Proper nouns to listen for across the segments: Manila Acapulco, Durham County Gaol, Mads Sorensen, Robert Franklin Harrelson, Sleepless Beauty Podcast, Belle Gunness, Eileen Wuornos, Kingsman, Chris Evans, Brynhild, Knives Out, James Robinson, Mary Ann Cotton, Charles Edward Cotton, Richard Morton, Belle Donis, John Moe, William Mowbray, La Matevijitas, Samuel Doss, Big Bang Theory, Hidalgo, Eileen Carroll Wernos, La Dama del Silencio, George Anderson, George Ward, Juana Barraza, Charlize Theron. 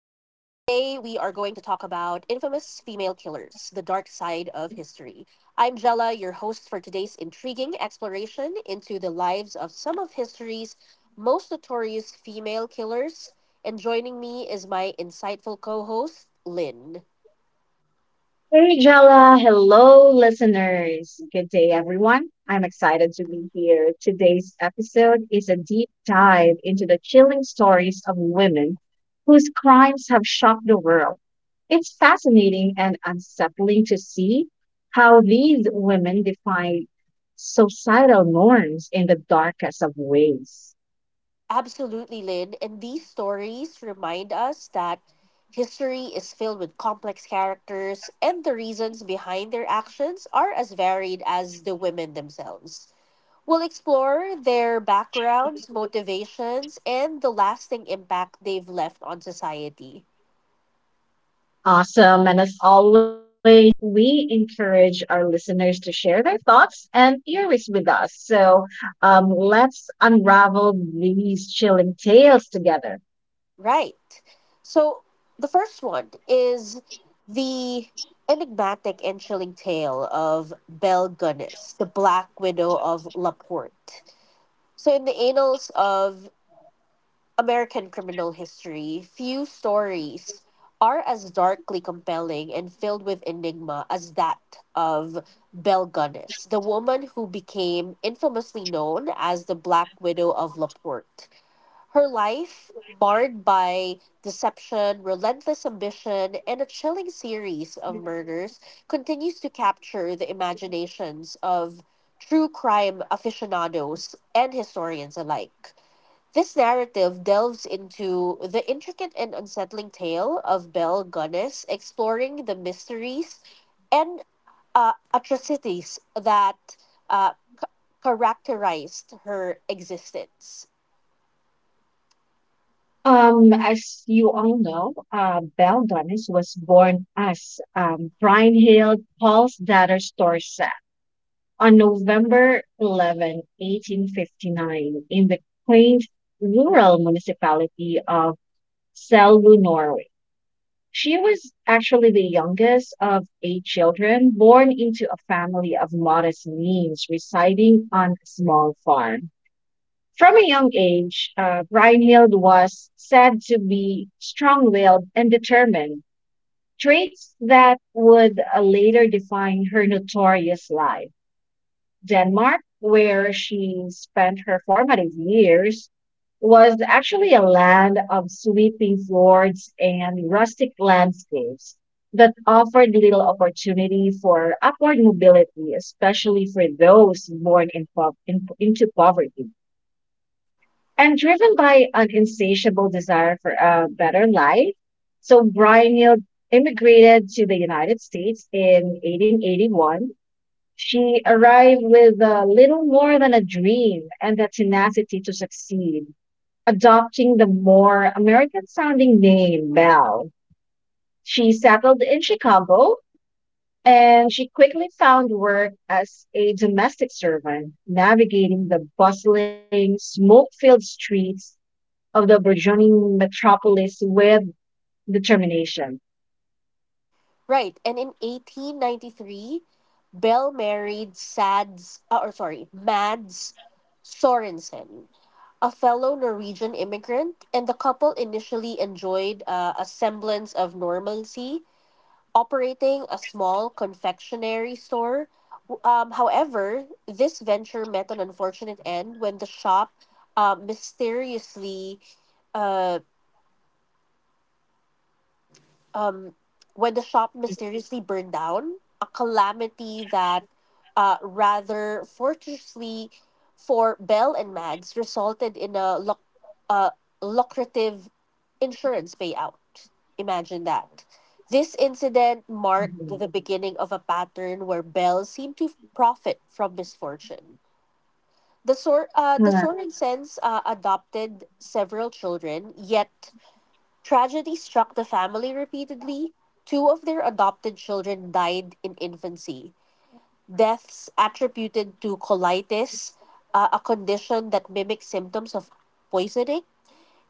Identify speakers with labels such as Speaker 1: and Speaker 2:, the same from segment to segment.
Speaker 1: about infamous female killers, the dark side of history. I'm Jala, your host for today's intriguing exploration into the lives of some of history's most notorious female killers. And joining me is my insightful co host, Lynn.
Speaker 2: Hey Jella, hello listeners. Good day everyone. I'm excited to be here. Today's episode is a deep dive into the chilling stories of women whose crimes have shocked the world. It's fascinating and unsettling to see how these women defy societal norms in the darkest of ways.
Speaker 1: Absolutely, Lynn. And these stories remind us that history is filled with complex characters, and the reasons behind their actions are as varied as the women themselves. We'll explore their backgrounds, motivations, and the lasting impact they've left on society.
Speaker 2: Awesome. And as always, we encourage our listeners to share their thoughts and theories with us. Let's unravel these chilling tales together.
Speaker 1: Right. So, the first one is the enigmatic and chilling tale of Belle Gunness, the Black Widow of Laporte. So, in the annals of American criminal history, few stories are as darkly compelling and filled with enigma as that of Belle Gunness, the woman who became infamously known as the Black Widow of LaPorte. Her life, marred by deception, relentless ambition, and a chilling series of murders, continues to capture the imaginations of true crime aficionados and historians alike. This narrative delves into the intricate and unsettling tale of Bel Gunness, exploring the mysteries and atrocities that uh, ca- characterized her existence.
Speaker 2: As you all know, Belle Donis was born as Brian Hill, Paul's daughter, Storsa, on November 11, 1859, in the quaint rural municipality of Selbu, Norway. She was actually the youngest of eight children born into a family of modest means residing on a small farm. From a young age, Brynhild was said to be strong willed and determined, traits that would later define her notorious life. Denmark, where she spent her formative years, was actually a land of sweeping fjords and rustic landscapes that offered little opportunity for upward mobility, especially for those born in into poverty. And driven by an insatiable desire for a better life, so Brynhild immigrated to the United States in 1881. She arrived with little more than a dream and the tenacity to succeed. Adopting the more American sounding name, Belle, she settled in Chicago, and she quickly found work as a domestic servant, navigating the bustling, smoke filled streets of the burgeoning metropolis with determination.
Speaker 1: Right, and in 1893, Bell married Sads, or sorry, Mads Sorensen, a fellow Norwegian immigrant, and the couple initially enjoyed a semblance of normalcy operating a small confectionery store. However, this venture met an unfortunate end when the shop mysteriously uh, um, when the shop mysteriously burned down, a calamity that rather fortuitously for Bell and Mads resulted in a lucrative insurance payout. Imagine that. This incident marked
Speaker 2: Mhm.
Speaker 1: the beginning of a pattern where Bell seemed to profit from misfortune. The Sorensen's adopted several children, yet tragedy struck the family repeatedly. Two of their adopted children died in infancy. Deaths attributed to colitis, a condition that mimics symptoms of poisoning.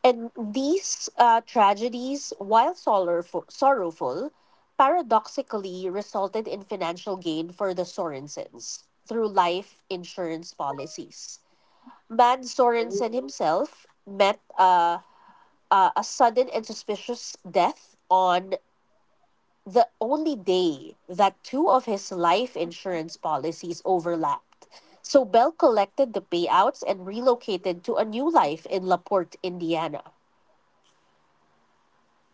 Speaker 1: And these tragedies, while sorrowful, paradoxically resulted in financial gain for the Sorensens through life insurance policies. Man Sorensen himself met a sudden and suspicious death on the only day that two of his life insurance policies overlapped. So Bell collected the payouts and relocated to a new life in LaPorte, Indiana.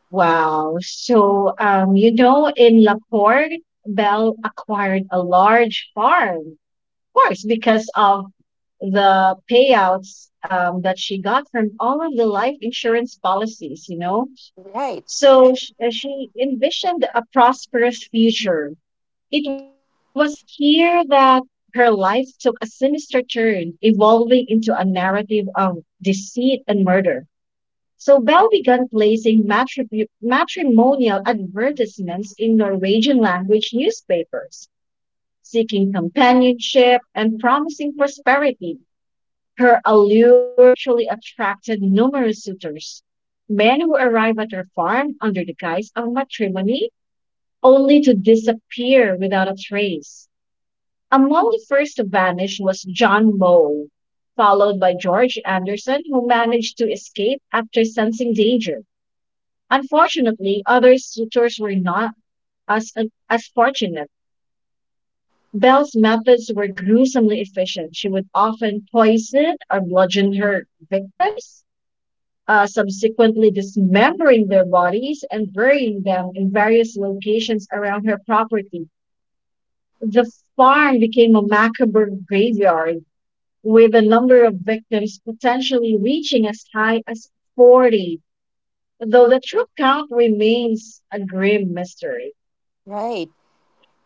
Speaker 2: Wow. You know, in Laporte, Bell acquired a large farm, of course, because of the payouts that she got from all of the life insurance policies, you know.
Speaker 1: Right,
Speaker 2: So she envisioned a prosperous future. It was here that her life took a sinister turn, evolving into a narrative of deceit and murder. So Bell began placing matrimonial advertisements in Norwegian language newspapers, seeking companionship and promising prosperity. Her allure actually attracted numerous suitors, men who arrived at her farm under the guise of matrimony, only to disappear without a trace. Among the first to vanish was John Moe, followed by George Anderson, who managed to escape after sensing danger. Unfortunately, other suitors were not as, as fortunate. Bell's methods were gruesomely efficient. She would often poison or bludgeon her victims, subsequently dismembering their bodies and burying them in various locations around her property. The farm became a macabre graveyard, with a number of victims potentially reaching as high as 40, though the true count remains a grim mystery.
Speaker 1: right.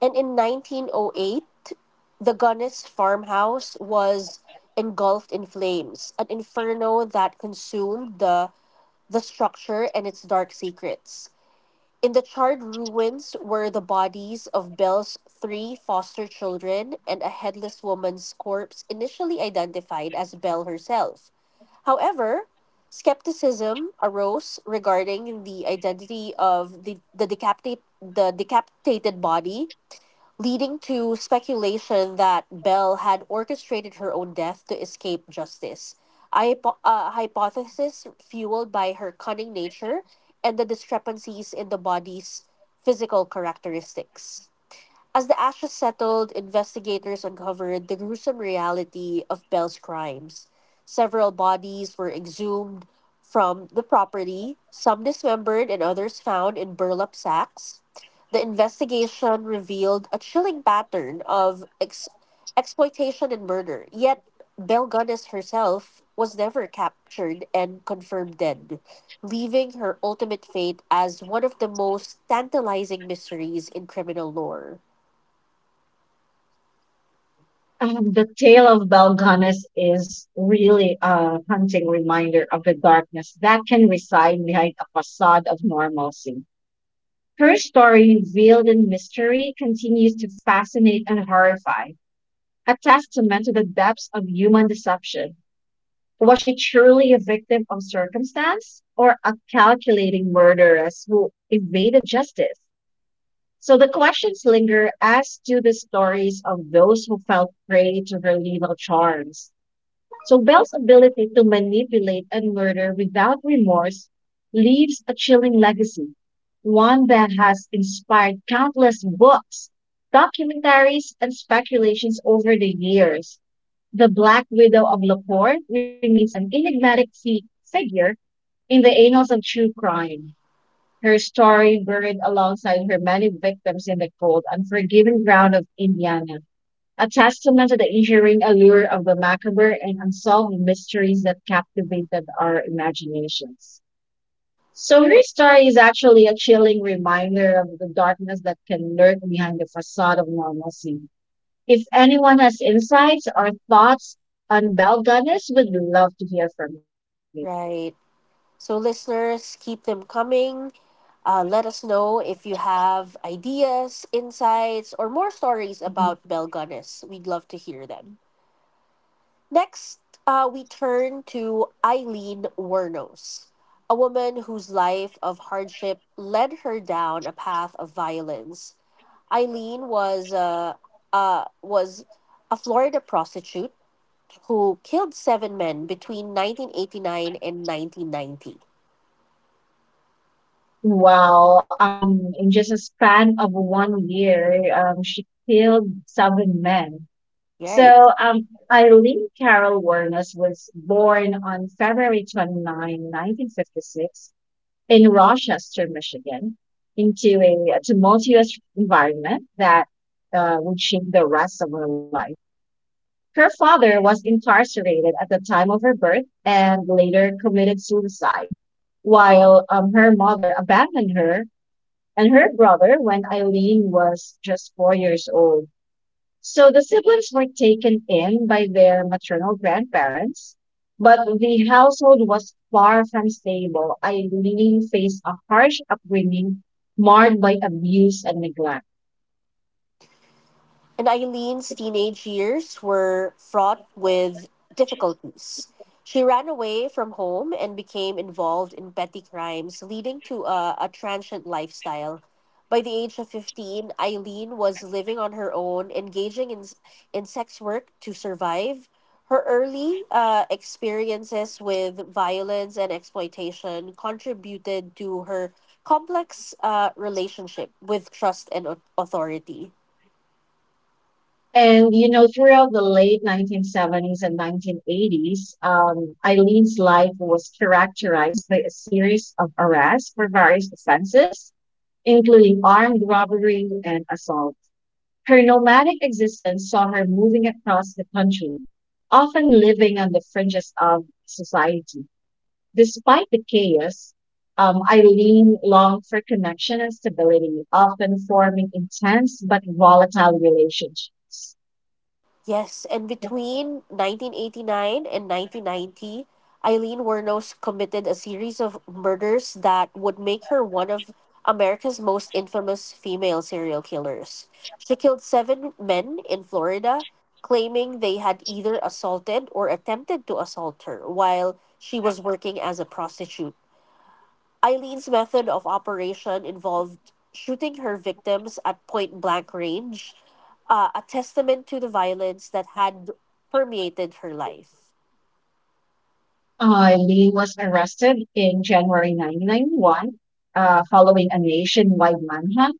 Speaker 1: And in 1908, the Gunness farmhouse was engulfed in flames, an inferno that consumed the structure and its dark secrets. In the charred ruins were the bodies of Bell's three foster children and a headless woman's corpse initially identified as Bell herself. However, skepticism arose regarding the identity of the decapitated body, leading to speculation that Bell had orchestrated her own death to escape justice. A hypothesis fueled by her cunning nature and the discrepancies in the body's physical characteristics. As the ashes settled, investigators uncovered the gruesome reality of Bell's crimes. Several bodies were exhumed from the property, some dismembered and others found in burlap sacks. The investigation revealed a chilling pattern of exploitation and murder, yet Bell Gunnis herself was never captured and confirmed dead, leaving her ultimate fate as one of the most tantalizing mysteries in criminal lore.
Speaker 2: The tale of Balganas is really a haunting reminder of the darkness that can reside behind a facade of normalcy. Her story, veiled in mystery, continues to fascinate and horrify, a testament to the depths of human deception. Was she truly a victim of circumstance or a calculating murderess who evaded justice? So the questions linger as to the stories of those who fell prey to her lethal charms. So Belle's ability to manipulate and murder without remorse leaves a chilling legacy, one that has inspired countless books, documentaries, and speculations over the years. The Black Widow of Laporte remains an enigmatic figure in the annals of true crime. Her story buried alongside her many victims in the cold, unforgiving ground of Indiana, a testament to the enduring allure of the macabre and unsolved mysteries that captivated our imaginations. So, your story is actually a chilling reminder of the darkness that can lurk behind the facade of normalcy. If anyone has insights or thoughts on Bell Gunners, we'd love to hear from you.
Speaker 1: Right. So, listeners, keep them coming. Let us know if you have ideas, insights, or more stories about Bell Gunness. We'd love to hear them. Next, we turn to Eileen Wernos, a woman whose life of hardship led her down a path of violence. Eileen was uh, was a Florida prostitute who killed seven men between 1989 and 1990.
Speaker 2: Wow, in just a span of one year, she killed seven men.
Speaker 1: Right.
Speaker 2: So, um, Eileen Carroll Wernos was born on February 29, 1956, in Rochester, Michigan, into a tumultuous environment that would shape the rest of her life. Her father was incarcerated at the time of her birth and later committed suicide, while her mother abandoned her and her brother when Eileen was just 4 years old, so the siblings were taken in by their maternal grandparents, but the household was far from stable. Eileen faced a harsh upbringing marred by abuse and neglect.
Speaker 1: And Eileen's teenage years were fraught with difficulties. She ran away from home and became involved in petty crimes, leading to a transient lifestyle. By the age of 15, Eileen was living on her own, engaging in sex work to survive. Her early experiences with violence and exploitation contributed to her complex relationship with trust and authority.
Speaker 2: And, you know, throughout the late 1970s and 1980s, Eileen's life was characterized by a series of arrests for various offenses, including armed robbery and assault. Her nomadic existence saw her moving across the country, often living on the fringes of society. Despite the chaos, Eileen longed for connection and stability, often forming intense but volatile relationships.
Speaker 1: Yes, and between 1989 and 1990, Eileen Wuornos committed a series of murders that would make her one of America's most infamous female serial killers. She killed seven men in Florida, claiming they had either assaulted or attempted to assault her while she was working as a prostitute. Eileen's method of operation involved shooting her victims at point blank range, a testament to the violence that had permeated her life.
Speaker 2: Eileen was arrested in January 1991, following a nationwide manhunt.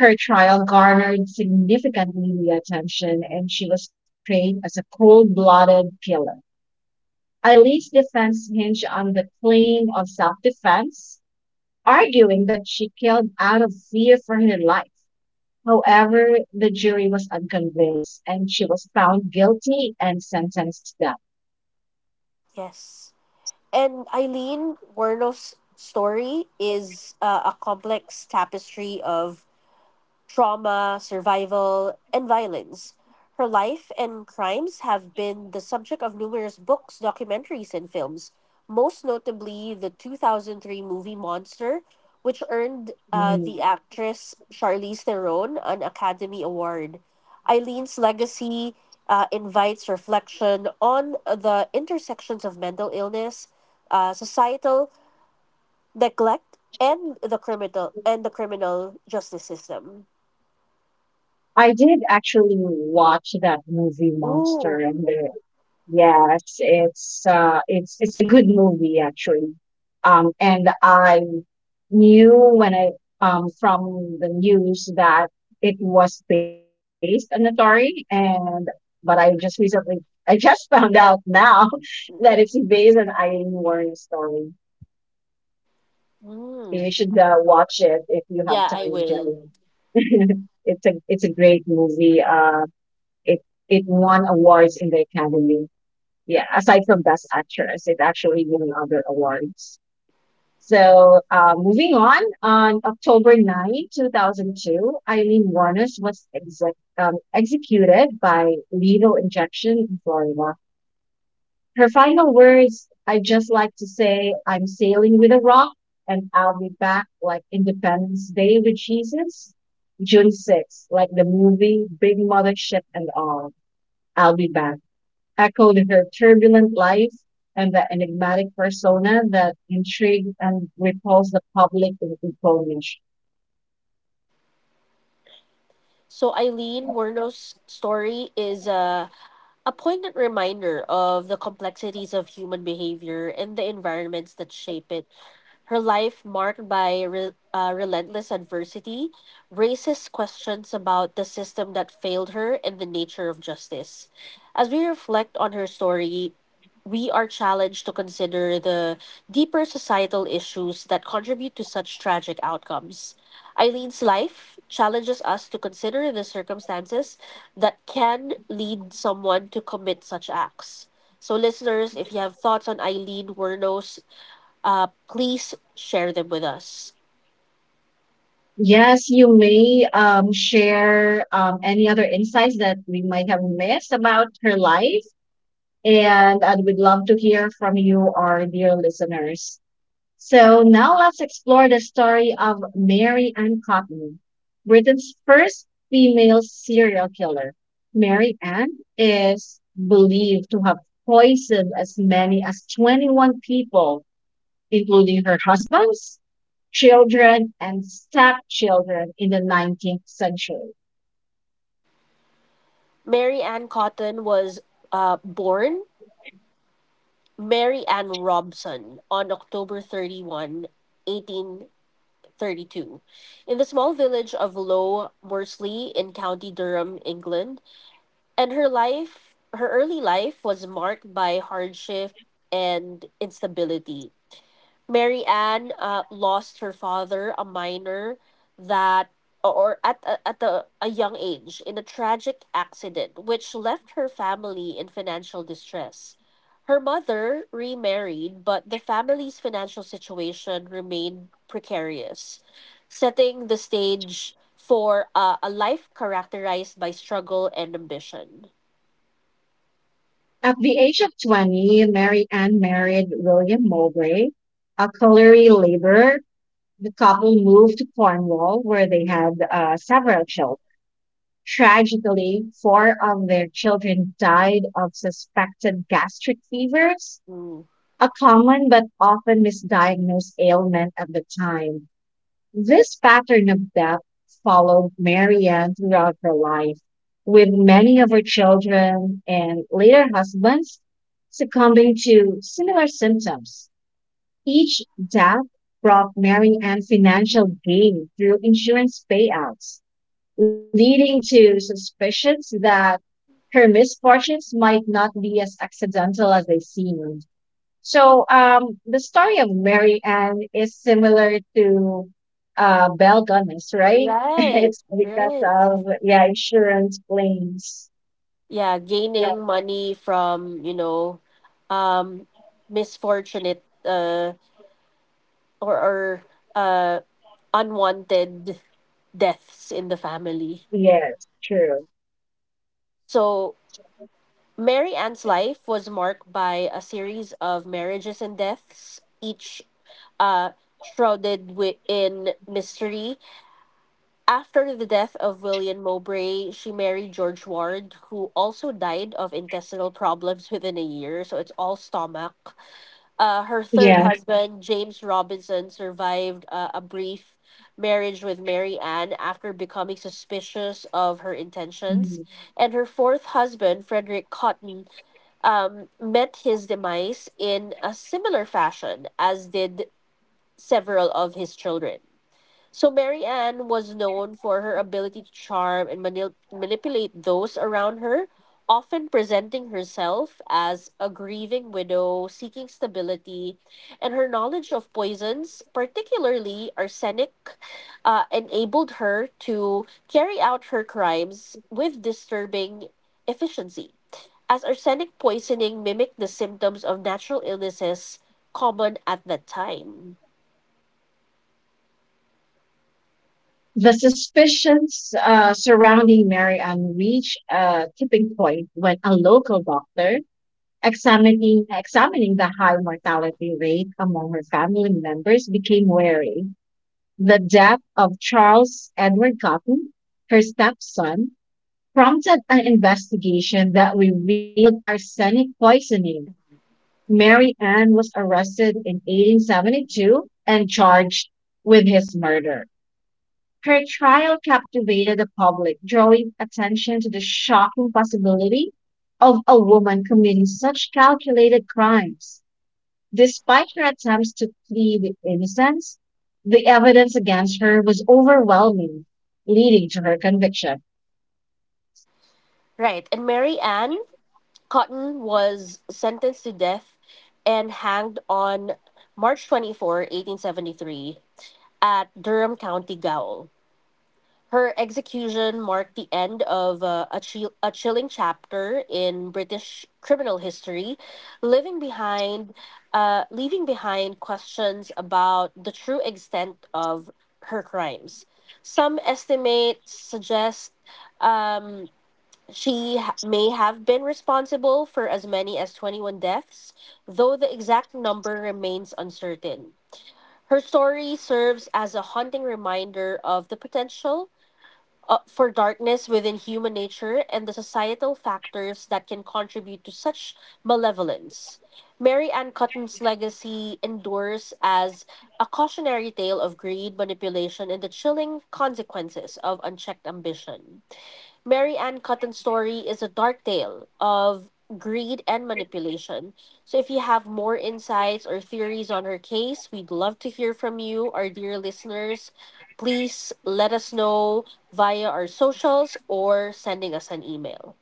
Speaker 2: Her trial garnered significant media attention and she was portrayed as a cold-blooded killer. Eileen's defense hinged on the claim of self-defense, arguing that she killed out of fear for her life. However, the jury was unconvinced and she was found guilty and sentenced to death.
Speaker 1: Yes. And Eileen Werno's story is a complex tapestry of trauma, survival, and violence. Her life and crimes have been the subject of numerous books, documentaries, and films, most notably the 2003 movie Monster, which earned
Speaker 2: Mm.
Speaker 1: the actress Charlize Theron an Academy Award. Eileen's legacy invites reflection on the intersections of mental illness, societal neglect, and the criminal justice system.
Speaker 2: I did actually watch that movie Monster
Speaker 1: Ooh.
Speaker 2: and the— Yes, it's a good movie actually. And I knew when I from the news that it was based on a true story, and but I just recently I just found out now that it's based on Eileen Warren's story. So
Speaker 1: Mm.
Speaker 2: you should watch it if you have
Speaker 1: Yeah, I
Speaker 2: time,
Speaker 1: will.
Speaker 2: Jenny. It's a great movie. It it won awards in the Academy, yeah, aside from Best Actress, it actually won other awards. So, moving on October 9, 2002, Eileen Warnes was executed by lethal injection in Florida. Her final words, I just like to say, I'm sailing with a rock and I'll be back like Independence Day with Jesus. June 6, like the movie, big mother ship and all. I'll be back, echoed her turbulent life and the enigmatic persona that intrigued and repulsed the public with equal measure.
Speaker 1: So Eileen Werno's story is a poignant reminder of the complexities of human behavior and the environments that shape it. Her life, marked by relentless adversity, raises questions about the system that failed her and the nature of justice. As we reflect on her story, we are challenged to consider the deeper societal issues that contribute to such tragic outcomes. Eileen's life challenges us to consider the circumstances that can lead someone to commit such acts. So, listeners, if you have thoughts on Eileen Wernos, please share them with us.
Speaker 2: Yes, you may share any other insights that we might have missed about her life, and we'd love to hear from you, our dear listeners. So now let's explore the story of Mary Ann Cotton, Britain's first female serial killer. Mary Ann is believed to have poisoned as many as 21 people, including her husbands, children, and stepchildren in the 19th century.
Speaker 1: Mary Ann Cotton was born Mary Ann Robson on October 31, 1832, in the small village of Low Morsley in County Durham, England. And her early life was marked by hardship and instability. Mary Ann lost her father, a minor, that or at a young age in a tragic accident which left her family in financial distress. Her mother remarried, but the family's financial situation remained precarious, setting the stage for a life characterized by struggle and ambition.
Speaker 2: At the age of 20, Mary Ann married William Mowbray, a colliery laborer. The couple moved to Cornwall, where they had several children. Tragically, four of their children died of suspected gastric fevers,
Speaker 1: Mm.
Speaker 2: a common but often misdiagnosed ailment at the time. This pattern of death followed Mary Ann throughout her life, with many of her children and later husbands succumbing to similar symptoms. Each death brought Mary Ann financial gain through insurance payouts, leading to suspicions that her misfortunes might not be as accidental as they seemed. So, the story of Mary Ann is similar to Belle Gunness, right?
Speaker 1: Right,
Speaker 2: It's because
Speaker 1: right.
Speaker 2: of, yeah, insurance claims.
Speaker 1: Yeah,
Speaker 2: Yes,
Speaker 1: gaining money from, you know, um misfortunate or uh unwanted deaths in the family.
Speaker 2: yes, true.
Speaker 1: So, Mary Ann's life was marked by a series of marriages and deaths, each uh shrouded in mystery. After the death of William Mowbray, she married George Ward, who also died of intestinal problems within a year. So it's all stomach. Her third
Speaker 2: Yeah.
Speaker 1: husband, James Robinson, survived a brief marriage with Mary Ann after becoming suspicious of her intentions.
Speaker 2: Mhm.
Speaker 1: And her fourth husband, Frederick Cotton, met his demise in a similar fashion, as did several of his children. So Mary Ann was known for her ability to charm and manipulate those around her, often presenting herself as a grieving widow seeking stability, and her knowledge of poisons, particularly arsenic, enabled her to carry out her crimes with disturbing efficiency, as arsenic poisoning mimicked the symptoms of natural illnesses common at that time.
Speaker 2: The suspicions surrounding Marianne reached a tipping point when a local doctor examining the high mortality rate among her family members became wary. The death of Charles Edward Cotton, her stepson, prompted an investigation that revealed arsenic poisoning. Mary Ann was arrested in 1872 and charged with his murder. Her trial captivated the public, drawing attention to the shocking possibility of a woman committing such calculated crimes. Despite her attempts to plead innocence, the evidence against her was overwhelming, leading to her conviction.
Speaker 1: Right, and Mary Ann Cotton was sentenced to death and hanged on March 24, 1873, at Durham County Gaol. Her execution marked the end of a chilling chapter in British criminal history, leaving behind, leaving behind questions about the true extent of her crimes. Some estimates suggest um, may have been responsible for as many as 21 deaths, though the exact number remains uncertain. Her story serves as a haunting reminder of the potential for darkness within human nature and the societal factors that can contribute to such malevolence. Mary Ann Cotton's legacy endures as a cautionary tale of greed, manipulation, and the chilling consequences of unchecked ambition. Mary Ann Cotton's story is a dark tale of greed and manipulation. So if you have more insights or theories on her case, we'd love to hear from you, our dear listeners. Please let us know via our socials or sending us an email.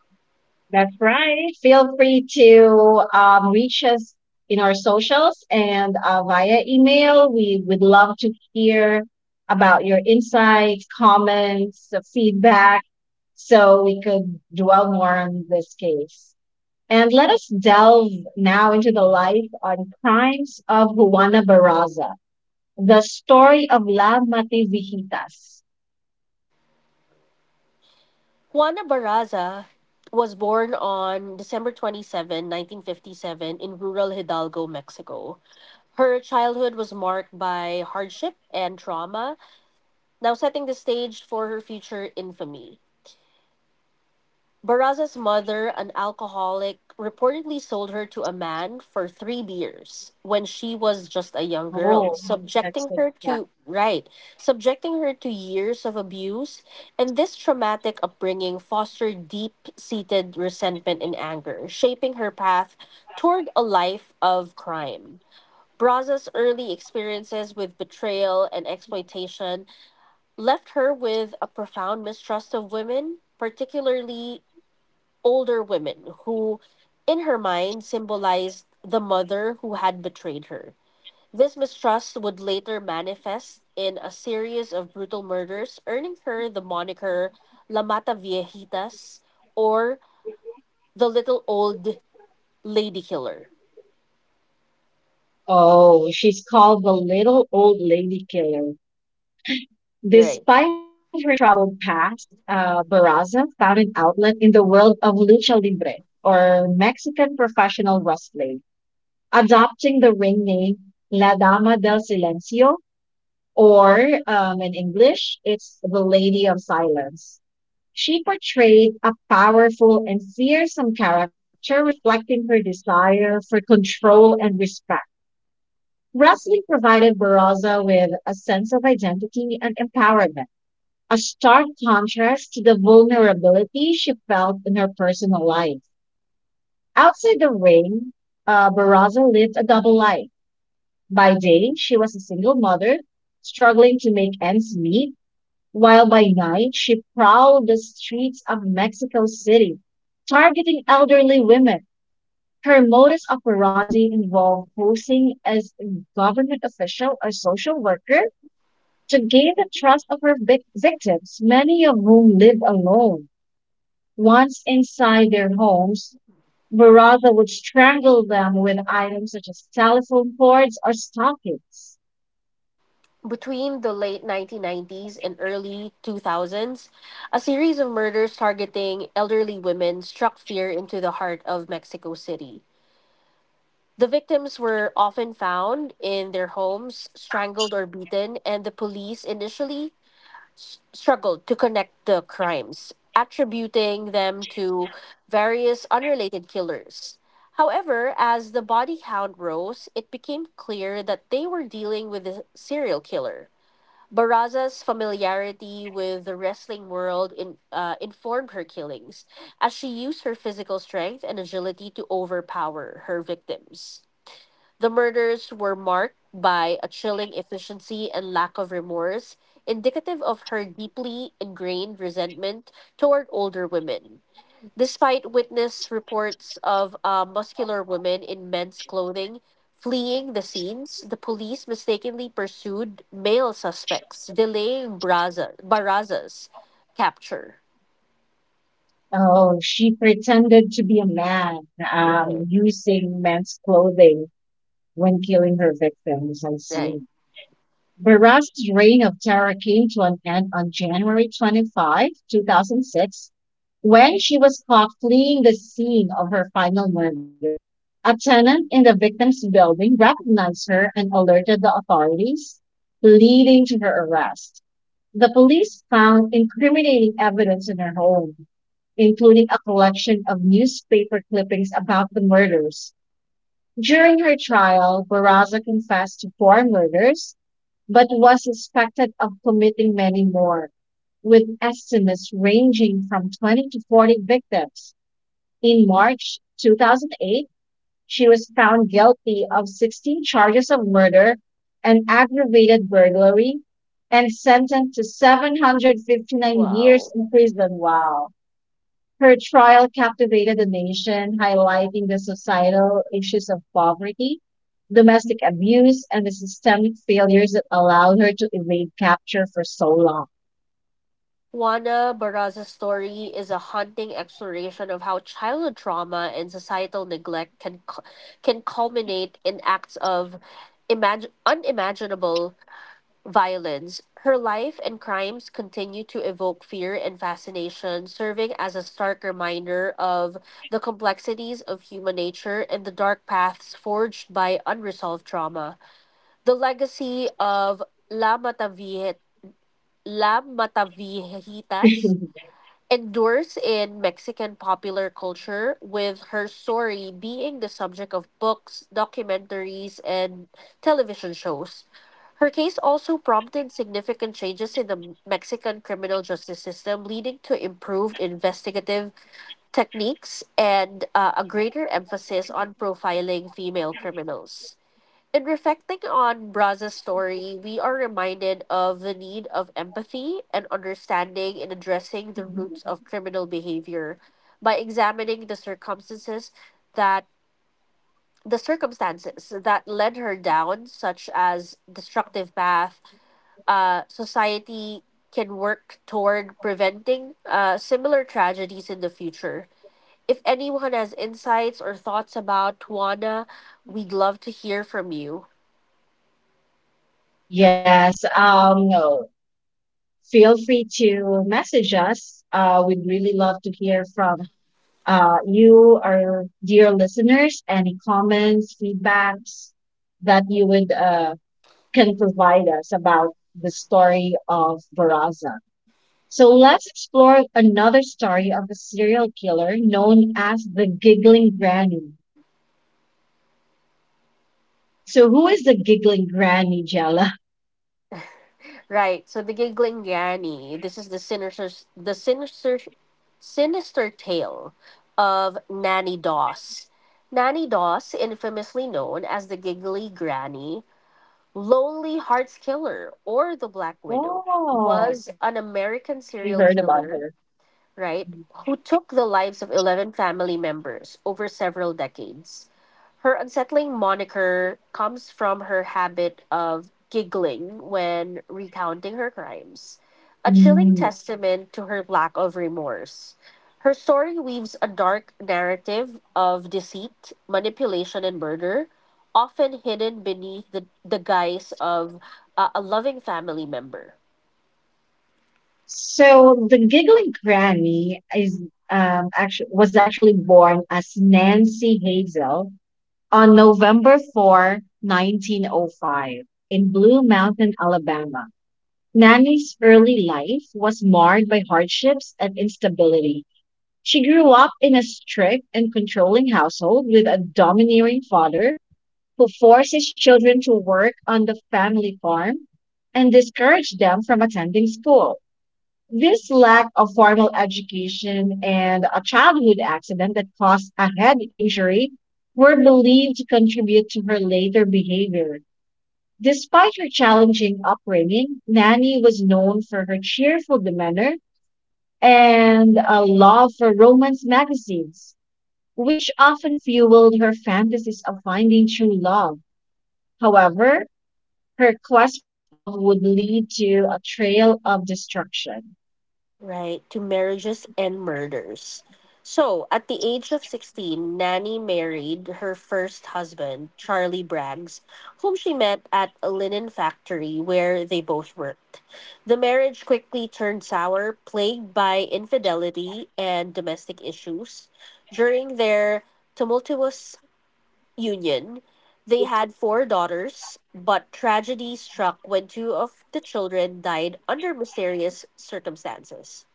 Speaker 2: That's right. Feel free to reach us in our socials and via email. We would love to hear about your insights, comments, feedback so we could dwell more on this case. And let us delve now into the life and crimes of Juana Barraza, the story of La Matevijitas.
Speaker 1: Juana Barraza was born on December 27, 1957, in rural Hidalgo, Mexico. Her childhood was marked by hardship and trauma, now setting the stage for her future infamy. Barraza's mother, an alcoholic, reportedly sold her to a man for three beers when she was just a young girl,
Speaker 2: Oh,
Speaker 1: subjecting
Speaker 2: that's like
Speaker 1: her
Speaker 2: that.
Speaker 1: to right, subjecting her to years of abuse, and this traumatic upbringing fostered deep-seated resentment and anger, shaping her path toward a life of crime. Barraza's early experiences with betrayal and exploitation left her with a profound mistrust of women, particularly older women, who, in her mind, symbolized the mother who had betrayed her. This mistrust would later manifest in a series of brutal murders, earning her the moniker La Mata Viejitas, or the Little Old Lady Killer.
Speaker 2: Oh, she's called the little old lady killer.
Speaker 1: Right.
Speaker 2: Despite her troubled past, Barraza found an outlet in the world of lucha libre, or Mexican professional wrestling, adopting the ring name La Dama del Silencio, or in English, it's The Lady of Silence. She portrayed a powerful and fearsome character reflecting her desire for control and respect. Wrestling provided Barraza with a sense of identity and empowerment, a stark contrast to the vulnerability she felt in her personal life. Outside the ring, Barraza lived a double life. By day, she was a single mother, struggling to make ends meet, while by night she prowled the streets of Mexico City, targeting elderly women. Her modus operandi involved posing as a government official or social worker to gain the trust of her victims, many of whom lived alone. Once inside their homes, Barraza would strangle them with items such as telephone cords or stockings.
Speaker 1: Between the late 1990s and early 2000s, a series of murders targeting elderly women struck fear into the heart of Mexico City. The victims were often found in their homes, strangled or beaten, and the police initially struggled to connect the crimes, attributing them to various unrelated killers. However, as the body count rose, it became clear that they were dealing with a serial killer. Barraza's familiarity with the wrestling world informed her killings, as she used her physical strength and agility to overpower her victims. The murders were marked by a chilling efficiency and lack of remorse, indicative of her deeply ingrained resentment toward older women. Despite witness reports of muscular women in men's clothing fleeing the scenes, the police mistakenly pursued male suspects, delaying Barraza's capture.
Speaker 2: Oh, she pretended to be a man,
Speaker 1: Right.
Speaker 2: using men's clothing when killing her victims. I
Speaker 1: Right.
Speaker 2: see. Baras's reign of terror came to an end on January 25, 2006, when she was caught fleeing the scene of her final murder. A tenant in the victim's building recognized her and alerted the authorities, leading to her arrest. The police found incriminating evidence in her home, including a collection of newspaper clippings about the murders. During her trial, Barraza confessed to 4 murders, but was suspected of committing many more, with estimates ranging from 20 to 40 victims. In March 2008, she was found guilty of 16 charges of murder and aggravated burglary and sentenced to 759 years
Speaker 1: Wow.
Speaker 2: in prison. Wow. Her trial captivated the nation, highlighting the societal issues of poverty, domestic abuse, and the systemic failures that allowed her to evade capture for so long.
Speaker 1: Juana Barraza's story is a haunting exploration of how childhood trauma and societal neglect can can culminate in acts of unimaginable violence. Her life and crimes continue to evoke fear and fascination, serving as a stark reminder of the complexities of human nature and the dark paths forged by unresolved trauma. The legacy of La Matavie- La Matavijitas endures in Mexican popular culture, with her story being the subject of books, documentaries, and television shows. Her case also prompted significant changes in the Mexican criminal justice system, leading to improved investigative techniques and a greater emphasis on profiling female criminals. In reflecting on Braz's story, we are reminded of the need of empathy and understanding in addressing the roots of criminal behavior. By examining that the circumstances that led her down such as destructive path, society can work toward preventing similar tragedies in the future. If anyone has insights or thoughts about Tuana, we'd love to hear from you.
Speaker 2: Yes, feel free to message us. We'd really love to hear from you, our dear listeners, any comments, feedbacks that you would can provide us about the story of Baraza. So let's explore another story of a serial killer known as the Giggling Granny. So, who is the Giggling Granny, Jella?
Speaker 1: Right. So the giggling Granny. This is the sinister tale of Nanny Doss. Nanny Doss, infamously known as the Giggly Granny, Lonely Hearts Killer, or the Black Widow,
Speaker 2: Oh,
Speaker 1: was an American
Speaker 2: I
Speaker 1: serial
Speaker 2: heard about
Speaker 1: killer,
Speaker 2: her.
Speaker 1: right, who took the lives of 11 family members over several decades. Her unsettling moniker comes from her habit of giggling when recounting her crimes, a chilling
Speaker 2: Mm.
Speaker 1: testament to her lack of remorse. Her story weaves a dark narrative of deceit, manipulation, and murder, often hidden beneath the guise of a loving family member.
Speaker 2: So, the Giggling Granny is actually was actually born as Nancy Hazel on November 4, 1905, in Blue Mountain, Alabama. Nanny's early life was marred by hardships and instability. She grew up in a strict and controlling household with a domineering father who forced his children to work on the family farm and discouraged them from attending school. This lack of formal education and a childhood accident that caused a head injury were believed to contribute to her later behavior. Despite her challenging upbringing, Nanny was known for her cheerful demeanor and a love for romance magazines which often fueled her fantasies of finding true love. However, her quest for love would lead to a trail of destruction.
Speaker 1: Right, to marriages and murders. So, at the age of 16, Nanny married her first husband, Charlie Braggs, whom she met at a linen factory where they both worked. The marriage quickly turned sour, plagued by infidelity and domestic issues. During their tumultuous union, they had four daughters, but tragedy struck when two of the children died under mysterious circumstances.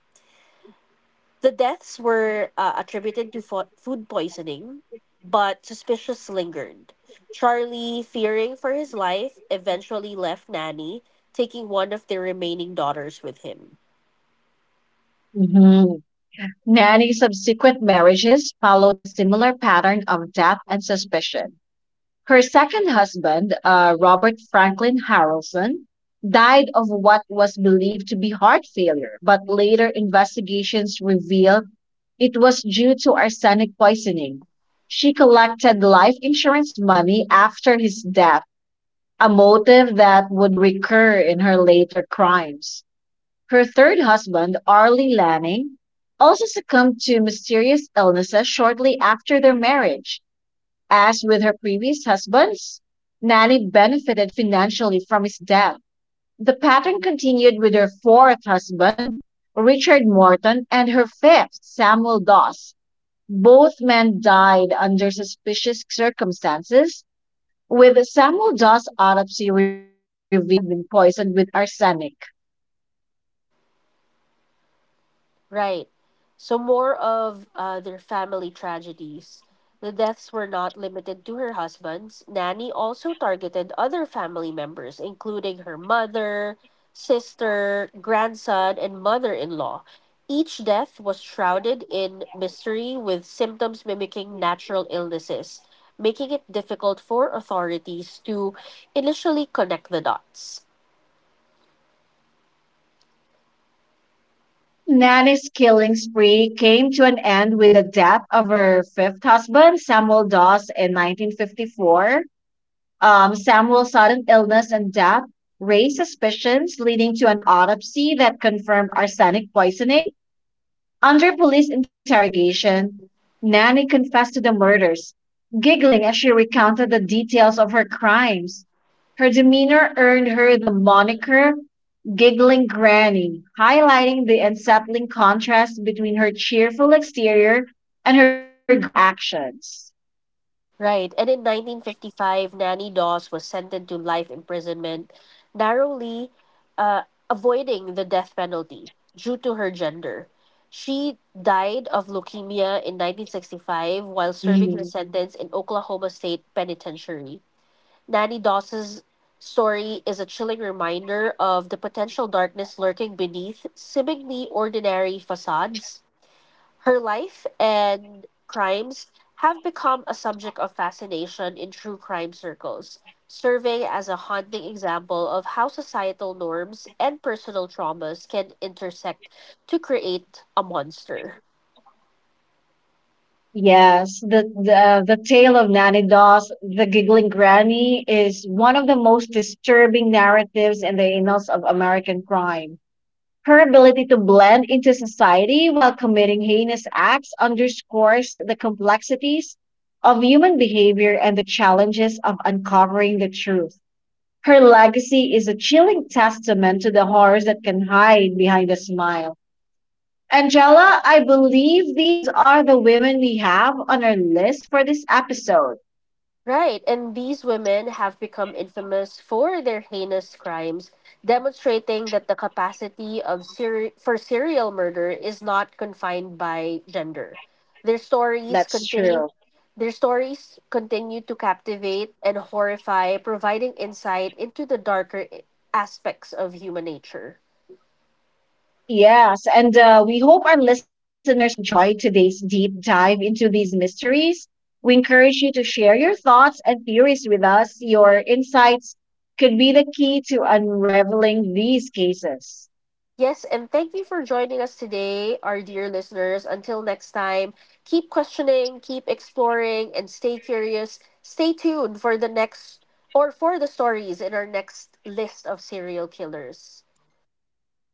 Speaker 1: The deaths were attributed to food poisoning, but suspicious lingered. Charlie, fearing for his life, eventually left Nanny, taking one of their remaining daughters with him.
Speaker 2: Mhm. Nanny's subsequent marriages followed a similar pattern of death and suspicion. Her second husband, Robert Franklin Harrelson, died of what was believed to be heart failure, but later investigations revealed it was due to arsenic poisoning. She collected life insurance money after his death, a motive that would recur in her later crimes. Her third husband, Arlie Lanning, also succumbed to mysterious illnesses shortly after their marriage. As with her previous husbands, Nanny benefited financially from his death. The pattern continued with her fourth husband, Richard Morton, and her fifth, Samuel Doss. Both men died under suspicious circumstances, with Samuel Doss' autopsy revealing he had been poisoned with arsenic.
Speaker 1: Right. So more of their family tragedies. The deaths were not limited to her husband's. Nanny also targeted other family members, including her mother, sister, grandson, and mother in law. Each death was shrouded in mystery with symptoms mimicking natural illnesses, making it difficult for authorities to initially connect the dots.
Speaker 2: Nanny's killing spree came to an end with the death of her fifth husband, Samuel Doss, in 1954. Samuel's sudden illness and death raised suspicions, leading to an autopsy that confirmed arsenic poisoning. Under police interrogation, Nanny confessed to the murders, giggling as she recounted the details of her crimes. Her demeanor earned her the moniker Giggling Granny, highlighting the unsettling contrast between her cheerful exterior and her gruesome actions.
Speaker 1: Right. And in 1955, Nanny Dawes was sentenced to life imprisonment, narrowly uh, avoiding the death penalty due to her gender. She died of leukemia in 1965 while serving her
Speaker 2: Mm-hmm.
Speaker 1: sentence in Oklahoma State Penitentiary. Nanny Dawes's story is a chilling reminder of the potential darkness lurking beneath seemingly ordinary facades. Her life and crimes have become a subject of fascination in true crime circles, serving as a haunting example of how societal norms and personal traumas can intersect to create a monster.
Speaker 2: Yes, the tale of Nanny Doss, the giggling granny, is one of the most disturbing narratives in the annals of American crime. Her ability to blend into society while committing heinous acts underscores the complexities of human behavior and the challenges of uncovering the truth. Her legacy is a chilling testament to the horrors that can hide behind a smile. Angela, I believe these are the women we have on our list for this episode.
Speaker 1: Right, and these women have become infamous for their heinous crimes, demonstrating that the capacity of for serial murder is not confined by gender. Their stories
Speaker 2: That's
Speaker 1: continue
Speaker 2: true.
Speaker 1: their stories continue to captivate and horrify, providing insight into the darker aspects of human nature.
Speaker 2: Yes, and we hope our listeners enjoyed today's deep dive into these mysteries. We encourage you to share your thoughts and theories with us. Your insights could be the key to unraveling these cases.
Speaker 1: Yes, and thank you for joining us today, our dear listeners. Until next time, keep questioning, keep exploring, and stay curious. Stay tuned for the next or for the stories in our next list of serial killers.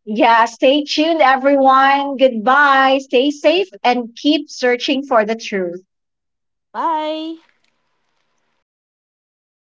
Speaker 2: Yeah, stay tuned, everyone. Goodbye. Stay safe and keep searching for the truth.
Speaker 1: Bye.